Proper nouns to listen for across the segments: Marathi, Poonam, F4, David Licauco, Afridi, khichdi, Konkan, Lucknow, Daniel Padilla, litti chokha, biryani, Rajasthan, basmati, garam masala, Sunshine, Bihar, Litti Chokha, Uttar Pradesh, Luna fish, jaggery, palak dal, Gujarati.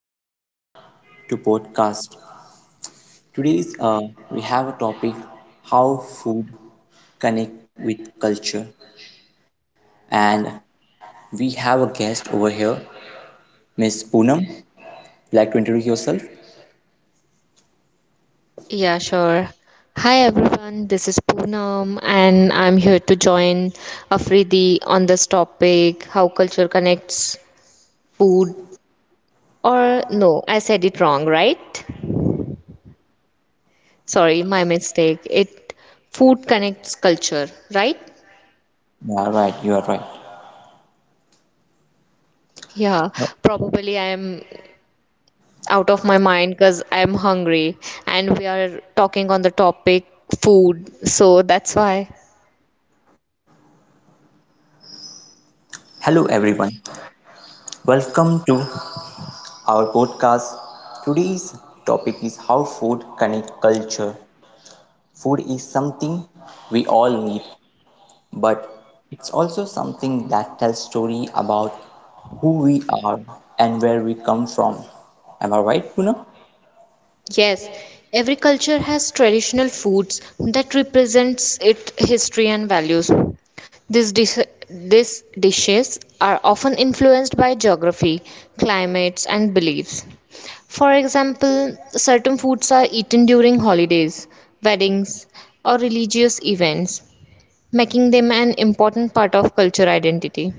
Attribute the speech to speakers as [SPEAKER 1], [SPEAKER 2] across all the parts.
[SPEAKER 1] welcome to podcast. Today's we have a topic how food connect with culture, and we have a guest over here, Miss Poonam. Would like to introduce yourself?
[SPEAKER 2] Yeah, sure. Hi everyone, this is Poonam and I'm here to join Afridi on this topic how culture connects food or no, I said it wrong, right? Sorry, my mistake. It food connects culture, right?
[SPEAKER 1] You are right. You are right.
[SPEAKER 2] Yeah, probably I am out of my mind because I am hungry and we are talking on the topic food, so that's why.
[SPEAKER 1] Hello everyone. Welcome to our podcast. Today's topic is how food connect culture. Food is something we all need but it's also something that tells story about who we are and where we come from. Am I right, Puna?
[SPEAKER 2] Yes, every culture has traditional foods that represents its history and values. These dis- these dishes are often influenced by geography, climates, and beliefs. For example, certain foods are eaten during holidays, weddings, or religious events, making them an important part of culture identity.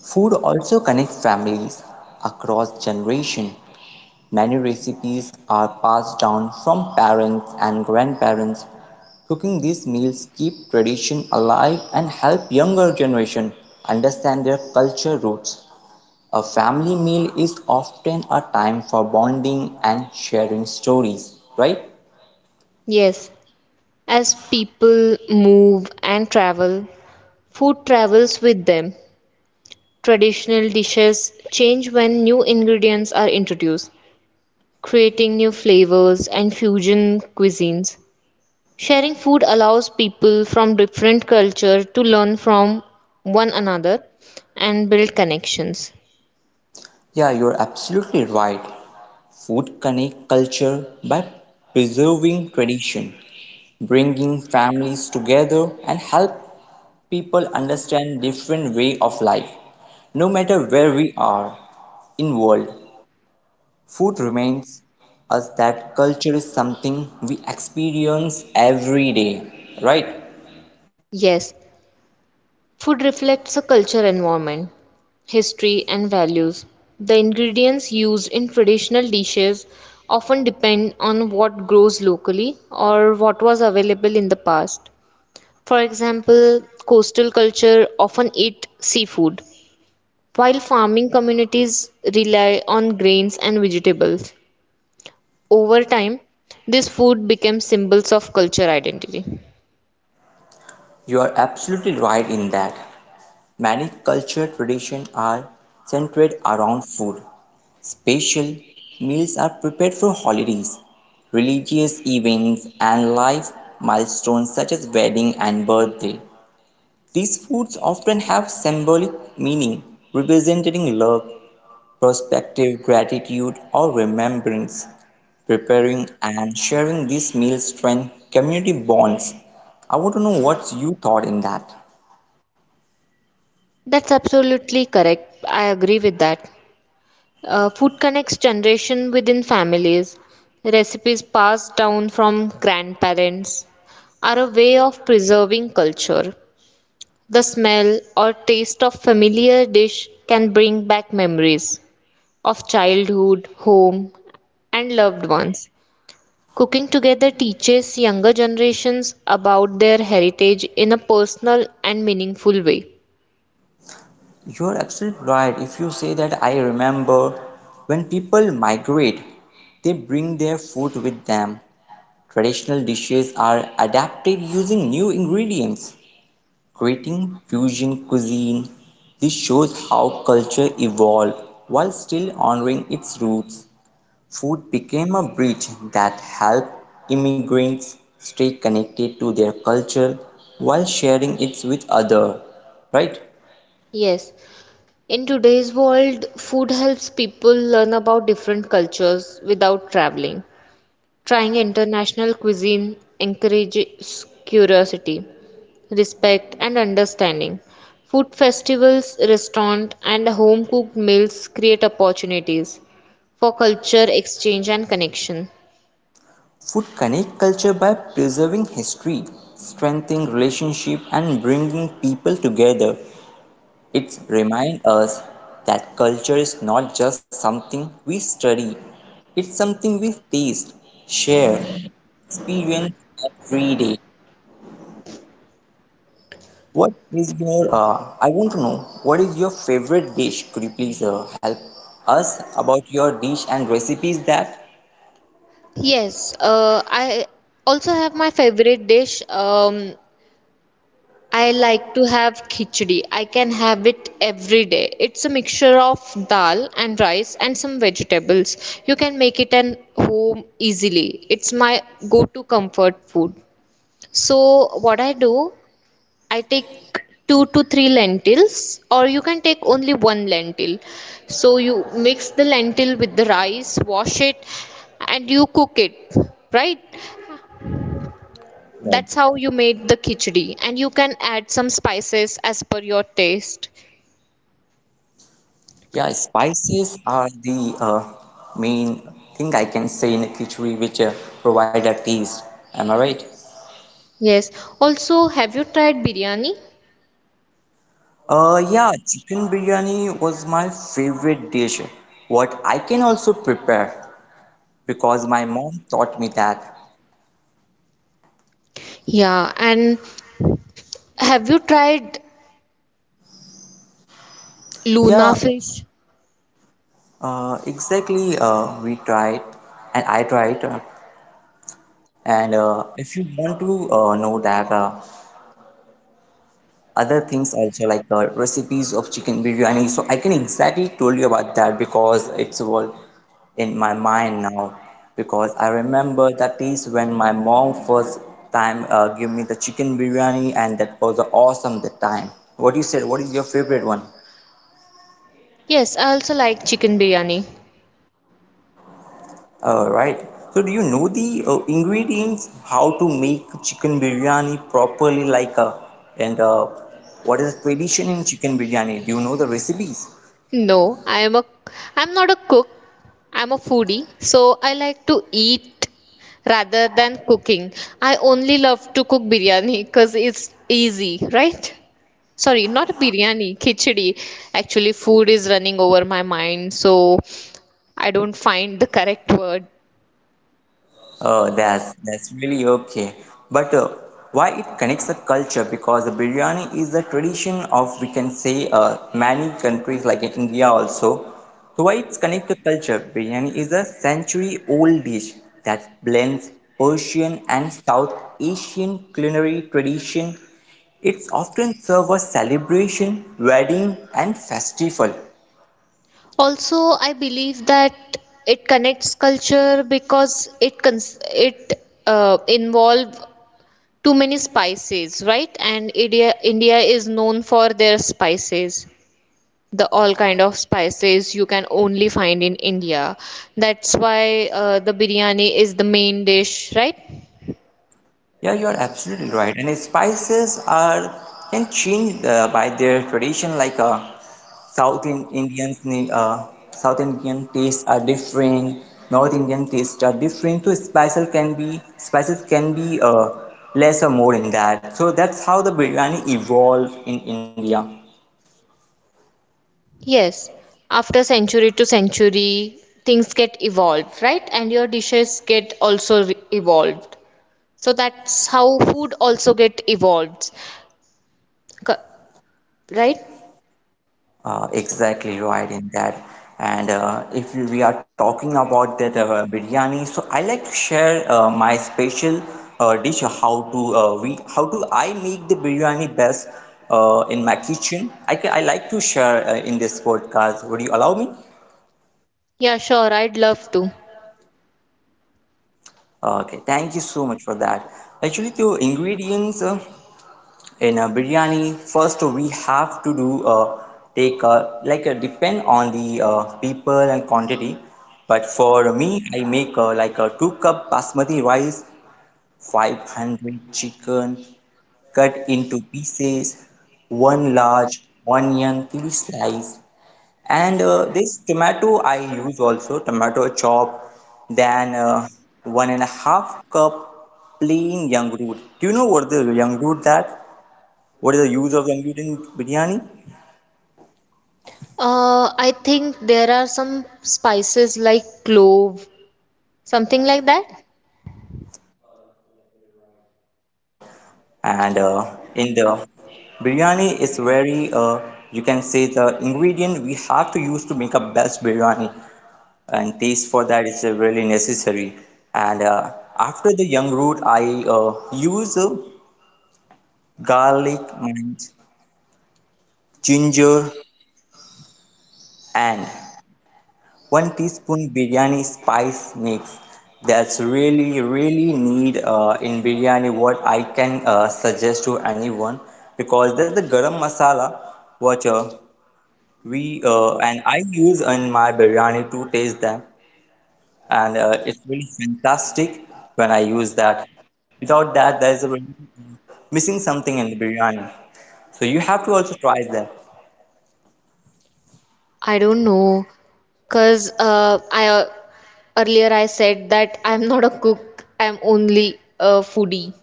[SPEAKER 1] Food also connects families across generations. Many recipes are passed down from parents and grandparents. Cooking these meals keep tradition alive and help younger generation understand their culture roots. A family meal is often a time for bonding and sharing stories, right?
[SPEAKER 2] Yes, as people move and travel, food travels with them. Traditional dishes change when new ingredients are introduced, creating new flavors and fusion cuisines. Sharing food allows people from different cultures to learn from one another and build connections.
[SPEAKER 1] Yeah, you're absolutely right. Food connect culture by preserving tradition, bringing families together and help people understand different way of life. No matter where we are in world, food reminds us that culture is something we experience every day, right?
[SPEAKER 2] Yes, food reflects a culture environment, history, and values. The ingredients used in traditional dishes often depend on what grows locally or what was available in the past. For example, coastal culture often eat seafood, while farming communities rely on grains and vegetables. Over time, this food becomes symbols of culture identity.
[SPEAKER 1] You are absolutely right in that many cultural traditions are centered around food. Special meals are prepared for holidays, religious events, and life milestones such as wedding and birthday. These foods often have symbolic meaning, representing love, perspective, gratitude, or remembrance. Preparing and sharing these meals strengthen community bonds. I want to know what you thought in that.
[SPEAKER 2] That's absolutely correct. I agree with that. Food connects generation within families. Recipes passed down from grandparents are a way of preserving culture. The smell or taste of familiar dish can bring back memories of childhood, home, and loved ones. Cooking together teaches younger generations about their heritage in a personal and meaningful way.
[SPEAKER 1] You're absolutely right. If you say that, I remember when people migrate, they bring their food with them. Traditional dishes are adapted using new ingredients. Creating fusion cuisine, this shows how culture evolved while still honoring its roots. Food became a bridge that helped immigrants stay connected to their culture while sharing it with others. Right?
[SPEAKER 2] Yes, in today's world, food helps people learn about different cultures without traveling. Trying international cuisine encourages curiosity, respect, and understanding. Food festivals, restaurant, and home cooked meals create opportunities for culture exchange and connection.
[SPEAKER 1] Food connects culture by preserving history, strengthening relationship and bringing people together. It reminds us that culture is not just something we study, it's something we taste, share, experience every day. I want to know, what is your favorite dish? Could you please help us about your dish and recipes that?
[SPEAKER 2] Yes, I also have my favorite dish. I like to have khichdi. I can have it every day. It's a mixture of dal and rice and some vegetables. You can make it at home easily. It's my go-to comfort food. So what I do, I take two to three lentils, or you can take only one lentil. So you mix the lentil with the rice, wash it, and you cook it, right?
[SPEAKER 1] Right.
[SPEAKER 2] That's how you made the khichdi, and you can add some spices as per your taste.
[SPEAKER 1] Yeah, spices are the main thing I can say in a khichdi which provide a taste. Am I right?
[SPEAKER 2] Yes. Also, have you tried biryani?
[SPEAKER 1] Yeah, chicken biryani was my favorite dish. What I can also prepare because my mom taught me that.
[SPEAKER 2] Yeah, and have you tried
[SPEAKER 1] Yeah,
[SPEAKER 2] Luna fish?
[SPEAKER 1] exactly. We tried, and I tried. And if you want to know that other things also like recipes of chicken biryani, so I can exactly told you about that because it's all in my mind now, because I remember that is when my mom first time gave me the chicken biryani, and that was awesome that time. What you said, what is your favorite one?
[SPEAKER 2] Yes, I also like chicken biryani.
[SPEAKER 1] All right, so do you know the ingredients how to make chicken biryani properly, like and what is the tradition in chicken biryani? Do you know the recipes?
[SPEAKER 2] No, I'm not a cook. I'm a foodie, so I like to eat rather than cooking. I only love to cook biryani because it's easy, right? Sorry, not biryani, khichdi. Actually, food is running over my mind, so I don't find the correct word.
[SPEAKER 1] Oh, that's really okay. But why it connects a culture? Because the biryani is a tradition of, we can say, many countries, like in India also. So why it's connect to culture? Biryani is a century-old dish that blends Persian and South Asian culinary tradition. It's often served as celebration, wedding, and festival.
[SPEAKER 2] Also, I believe that it connects culture because it involve too many spices, right? And India is known for their spices. The all kind of spices you can only find in India. That's why the biryani is the main dish, right?
[SPEAKER 1] Yeah, you are absolutely right. And spices are can change by their tradition. Indians, South Indian tastes are different. North Indian tastes are different. So spices can be less or more in that. So that's how the biryani evolved in India.
[SPEAKER 2] Yes, after century to century things get evolved, right? And your dishes evolved. So that's how food also get evolved. Co- right.
[SPEAKER 1] Exactly right in that. And if we are talking about that biryani, so I like to share my special dish how to we how do I make the biryani best in my kitchen. I like to share in this podcast. Would you allow me?
[SPEAKER 2] Yeah, sure, I'd love to.
[SPEAKER 1] Okay, thank you so much for that. Actually, the ingredients. In a biryani, first we have to do take depend on the people and quantity, but for me I make like a 2 cup basmati rice, 500 chicken cut into pieces, one large onion three slice, and this tomato, I use also tomato chop. Then one and a half cup plain young root. Do you know what the young root, that what is the use of computing biryani?
[SPEAKER 2] I think there are some spices like clove, something like that.
[SPEAKER 1] Exactly right. And in the biryani is very you can say the ingredient we have to use to make a best biryani, and taste for that is really necessary. And after the young root, I use garlic and ginger and one teaspoon biryani spice mix. That's really, really need in biryani. What I can suggest to anyone, because that's the garam masala, what we and I use in my biryani to taste them, and it's really fantastic when I use that. Without that, there is a really, uh, missing something in the biryani. So you have to also try that.
[SPEAKER 2] I don't know, cause I earlier I said that I'm not a cook. I'm only a foodie.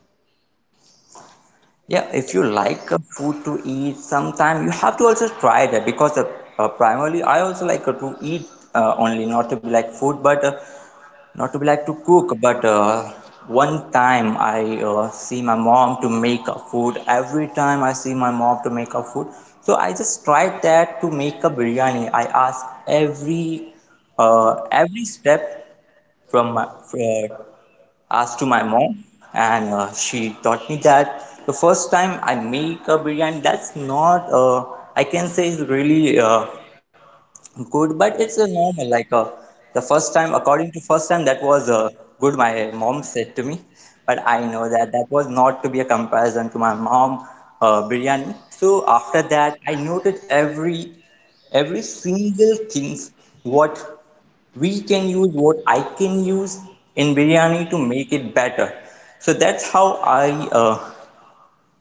[SPEAKER 1] Yeah, if you like a food to eat sometime, you have to also try that, because primarily I also like to eat only, not to be like food, but not to be like to cook, but one time I see my mom to make a food. Every time I see my mom to make a food, so I just tried that to make a biryani. I asked every step from my asked to my mom, and she taught me that the first time I make a biryani, that's not I can say is really, good, but it's a normal. The first time, according to first time, that was good. My mom said to me, but I know that that was not to be a comparison to my mom biryani. So after that, I noted every single things what we can use, what I can use in biryani to make it better. So that's how I uh,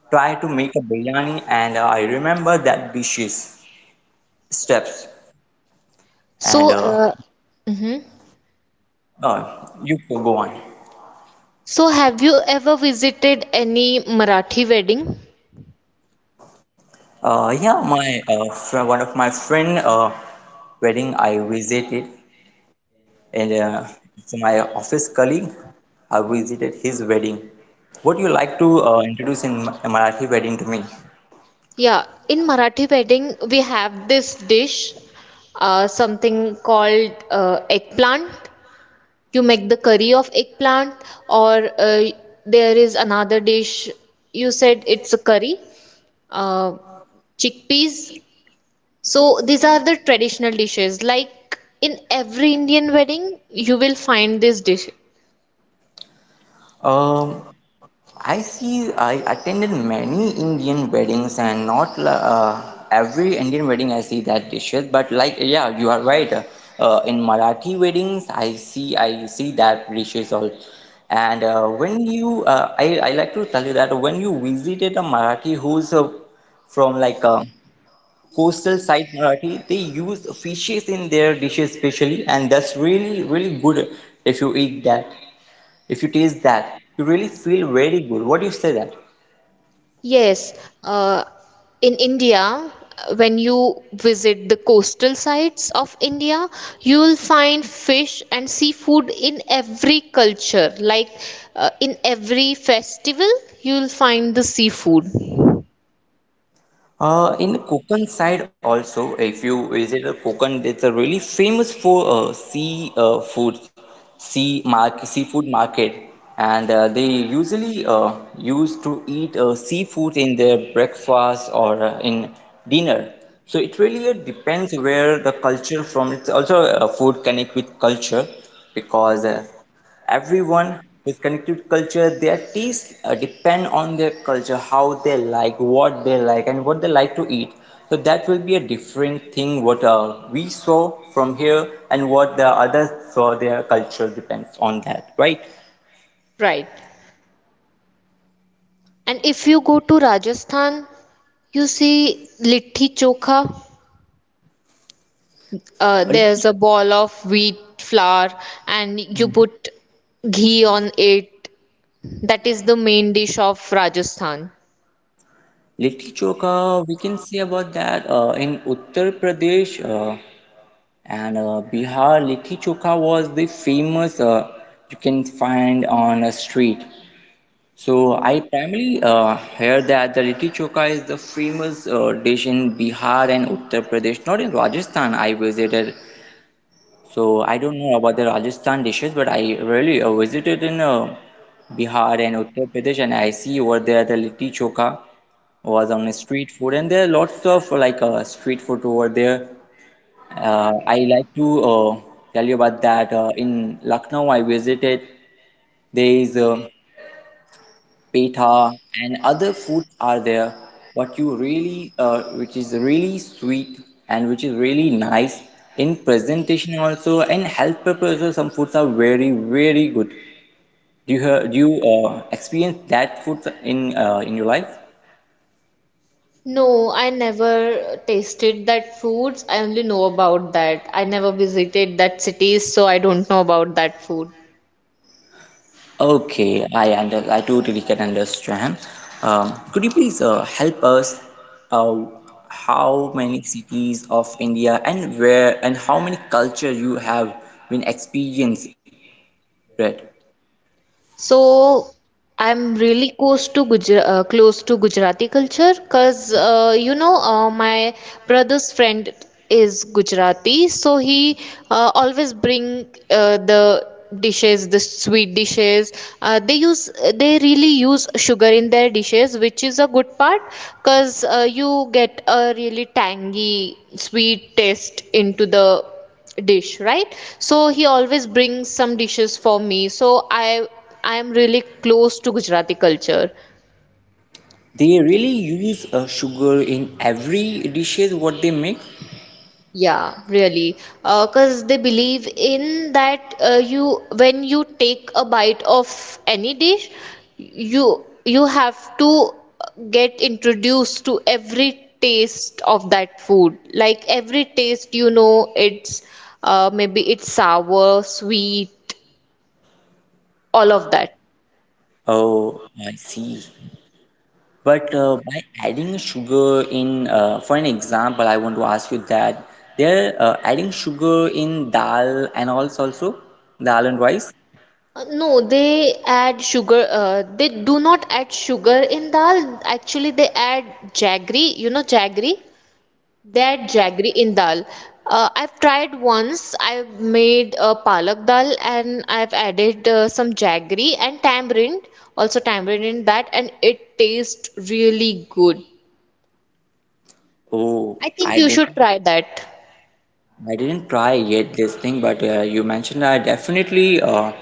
[SPEAKER 1] try to make a biryani, and I remember that dishes steps. And
[SPEAKER 2] So,
[SPEAKER 1] uh,
[SPEAKER 2] mhm.
[SPEAKER 1] uh, you can go on.
[SPEAKER 2] So have you ever visited any Marathi wedding?
[SPEAKER 1] Yeah, my fr one of my friend wedding I visited, and it's my office colleague. I visited his wedding. Would you like to introduce in Marathi wedding to me?
[SPEAKER 2] Yeah, in Marathi wedding we have this dish, something called eggplant. You make the curry of eggplant, or there is another dish, you said it's a curry, uh, chickpeas. So these are the traditional dishes, like in every Indian wedding you will find this dish.
[SPEAKER 1] Um, I see I attended many Indian weddings and not every Indian wedding I see that dishes, but like, yeah, you are right, in Marathi weddings I see that dishes all, and when you I like to tell you that when you visited a Marathi who's from like a coastal side Marathi, they use fishes in their dishes specially, and that's really really good if you eat that, if you taste that, you really feel very good. What do you say that?
[SPEAKER 2] Yes, uh, in India, when you visit the coastal sites of India, you will find fish and seafood in every culture. Like in every festival, you will find the seafood.
[SPEAKER 1] In Konkan side also, if you visit a Konkan, it's a really famous for sea food, sea market, seafood market, and they usually used to eat seafood in their breakfast or in dinner. So it really depends where the culture from. It's also food connect with culture because. Everyone with connected culture, their tastes depend on their culture, how they like, what they like, and what they like to eat. So that will be a different thing what we saw from here and what the others saw. Their culture depends on that, right?
[SPEAKER 2] Right. And if you go to Rajasthan, you see litti chokha.
[SPEAKER 1] Uh,
[SPEAKER 2] There's
[SPEAKER 1] Litti
[SPEAKER 2] a ball of wheat flour, and you put ghee on it. That is the main dish of Rajasthan.
[SPEAKER 1] Litti Chokha, we can say about that in Uttar Pradesh. And Bihar Litti Chokha was the famous, you can find on a street. So I primarily heard that the litti chokha is the famous dish in Bihar and Uttar Pradesh, not in Rajasthan. I visited, so I don't know about the Rajasthan dishes, but I really visited in Bihar and Uttar Pradesh, and I see over there the litti chokha was on the street food, and there are lots of like street food over there. I like to tell you about that. In Lucknow, I visited. There is peta and other foods are there, what you really which is really sweet and which is really nice in presentation also and health purpose also. Some foods are very very good. Do you do you experience that food in your life?
[SPEAKER 2] No, I never tasted that foods. I only know about that. I never visited that cities, so I don't know about that food.
[SPEAKER 1] Okay, I totally can understand. Could you please help us uh, how many cities of India and where, and how many culture you have been experienced? Right.
[SPEAKER 2] So I'm really close to close to Gujarati culture because you know my brother's friend is Gujarati, so he always bring the dishes, the sweet dishes. Uh, they use they really use sugar in their dishes, which is a good part because you get a really tangy sweet taste into the dish, right? So he always brings some dishes for me, so I am really close to Gujarati culture.
[SPEAKER 1] They really use sugar in every dishes what they make.
[SPEAKER 2] Yeah, really, because they believe in that, you when you take a bite of any dish, you you have to get introduced to every taste of that food, like every taste, you know, it's maybe it's sour, sweet, all of that.
[SPEAKER 1] Oh, I see. But by adding sugar in, for an example, I want to ask you that they're adding sugar in dal and also dal and rice.
[SPEAKER 2] No, they add sugar. They do not add sugar in dal. Actually, they add jaggery. You know jaggery? They add jaggery in dal. I've tried once. I've made a palak dal and I've added some jaggery and tamarind, also tamarind in that, and it tastes really good.
[SPEAKER 1] Oh,
[SPEAKER 2] I think
[SPEAKER 1] I
[SPEAKER 2] you
[SPEAKER 1] didn't
[SPEAKER 2] should try that.
[SPEAKER 1] I didn't try yet this thing, but you mentioned, I definitely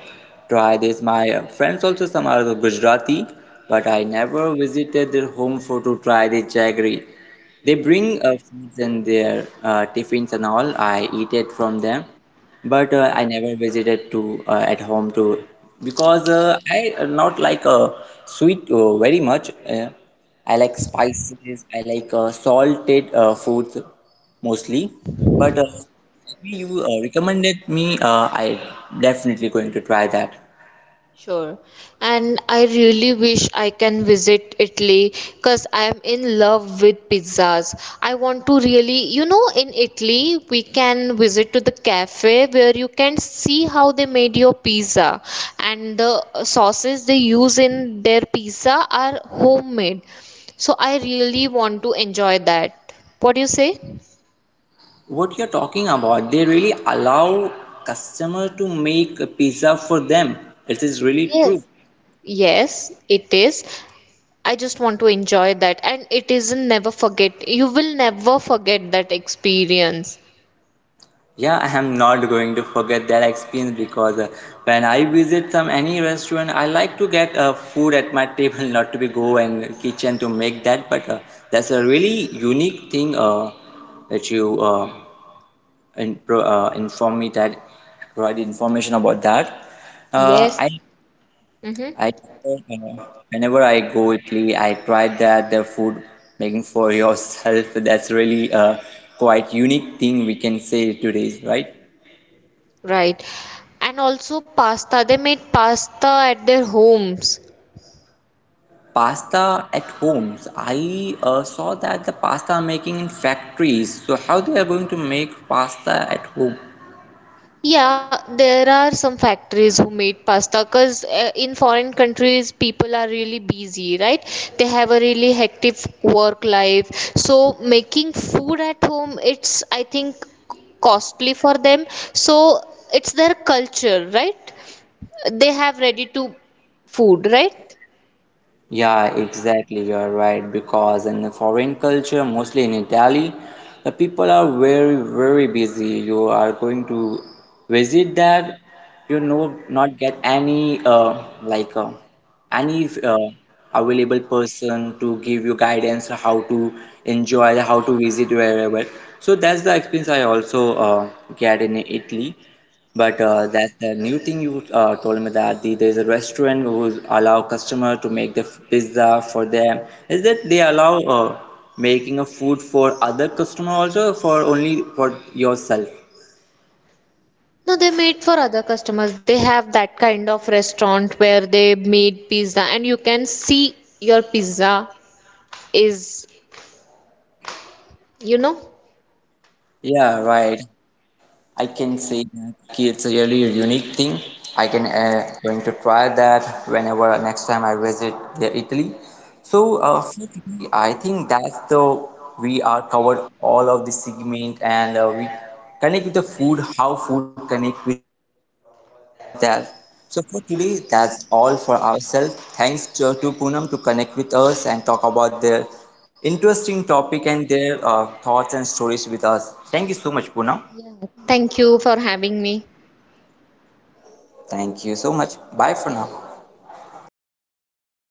[SPEAKER 1] try this. My friends also, some are the Gujarati, but I never visited their home for to try the jaggery. They bring foods in their tiffins and all. I eat it from them, but I never visited to at home to, because I not like sweet very much. I like spices. I like salted foods mostly. But you recommended me, I definitely going to try that.
[SPEAKER 2] Sure. And I really wish I can visit Italy because I am in love with pizzas. I want to really, you know, in Italy, we can visit to the cafe where you can see how they made your pizza. And the sauces they use in their pizza are homemade. So I really want to enjoy that. What do you say?
[SPEAKER 1] What you're talking about, they really allow customer to make a pizza for them. It is really true.
[SPEAKER 2] Yes, it is. I just want to enjoy that, and it isn't never forget. You will never forget that experience.
[SPEAKER 1] Yeah, I am not going to forget that experience because when I visit some any restaurant, I like to get food at my table, not to be go and kitchen to make that. But that's a really unique thing that you inform me that, provide information about that. Uh,
[SPEAKER 2] Yes.
[SPEAKER 1] I
[SPEAKER 2] Mm-hmm.
[SPEAKER 1] I uh, Whenever I go Italy, I tried that the food making for yourself. That's really a quite unique thing we can say today, right?
[SPEAKER 2] Right. And also pasta. They made pasta at their homes.
[SPEAKER 1] Pasta at homes. I saw that the pasta making in factories. So how they are going to make pasta at home?
[SPEAKER 2] Yeah, there are some factories who made pasta because in foreign countries people are really busy, right? They have a really hectic work life. So making food at home, it's I think costly for them. So it's their culture, right? They have ready to food, right?
[SPEAKER 1] Yeah, exactly. You're right. Because in the foreign culture, mostly in Italy, the people are very, very busy. You are going to visit that, you know, not get any any uh, available person to give you guidance how to enjoy, how to visit wherever. So that's the experience I also get in Italy. But that's the new thing you told me that the, there's a restaurant who allow customer to make the pizza for them. Is that they allow making a food for other customer also or for only for yourself?
[SPEAKER 2] No, they made for other customers. They have that kind of restaurant where they made pizza and you can see your pizza is, you know.
[SPEAKER 1] Yeah, right. I can say that it's a really unique thing. I can going to try that whenever next time I visit the Italy. So firstly, I think that's the we are covered all of the segment, and we connect with the food, how food connect with culture. We talk about that. So for today, that's all for ourselves. Thanks to Poonam to connect with us and talk about their interesting topic and their thoughts and stories with us. Thank you so much, Poonam.
[SPEAKER 2] Thank you for having me.
[SPEAKER 1] Thank you so much. Bye for now.
[SPEAKER 2] Bye bye.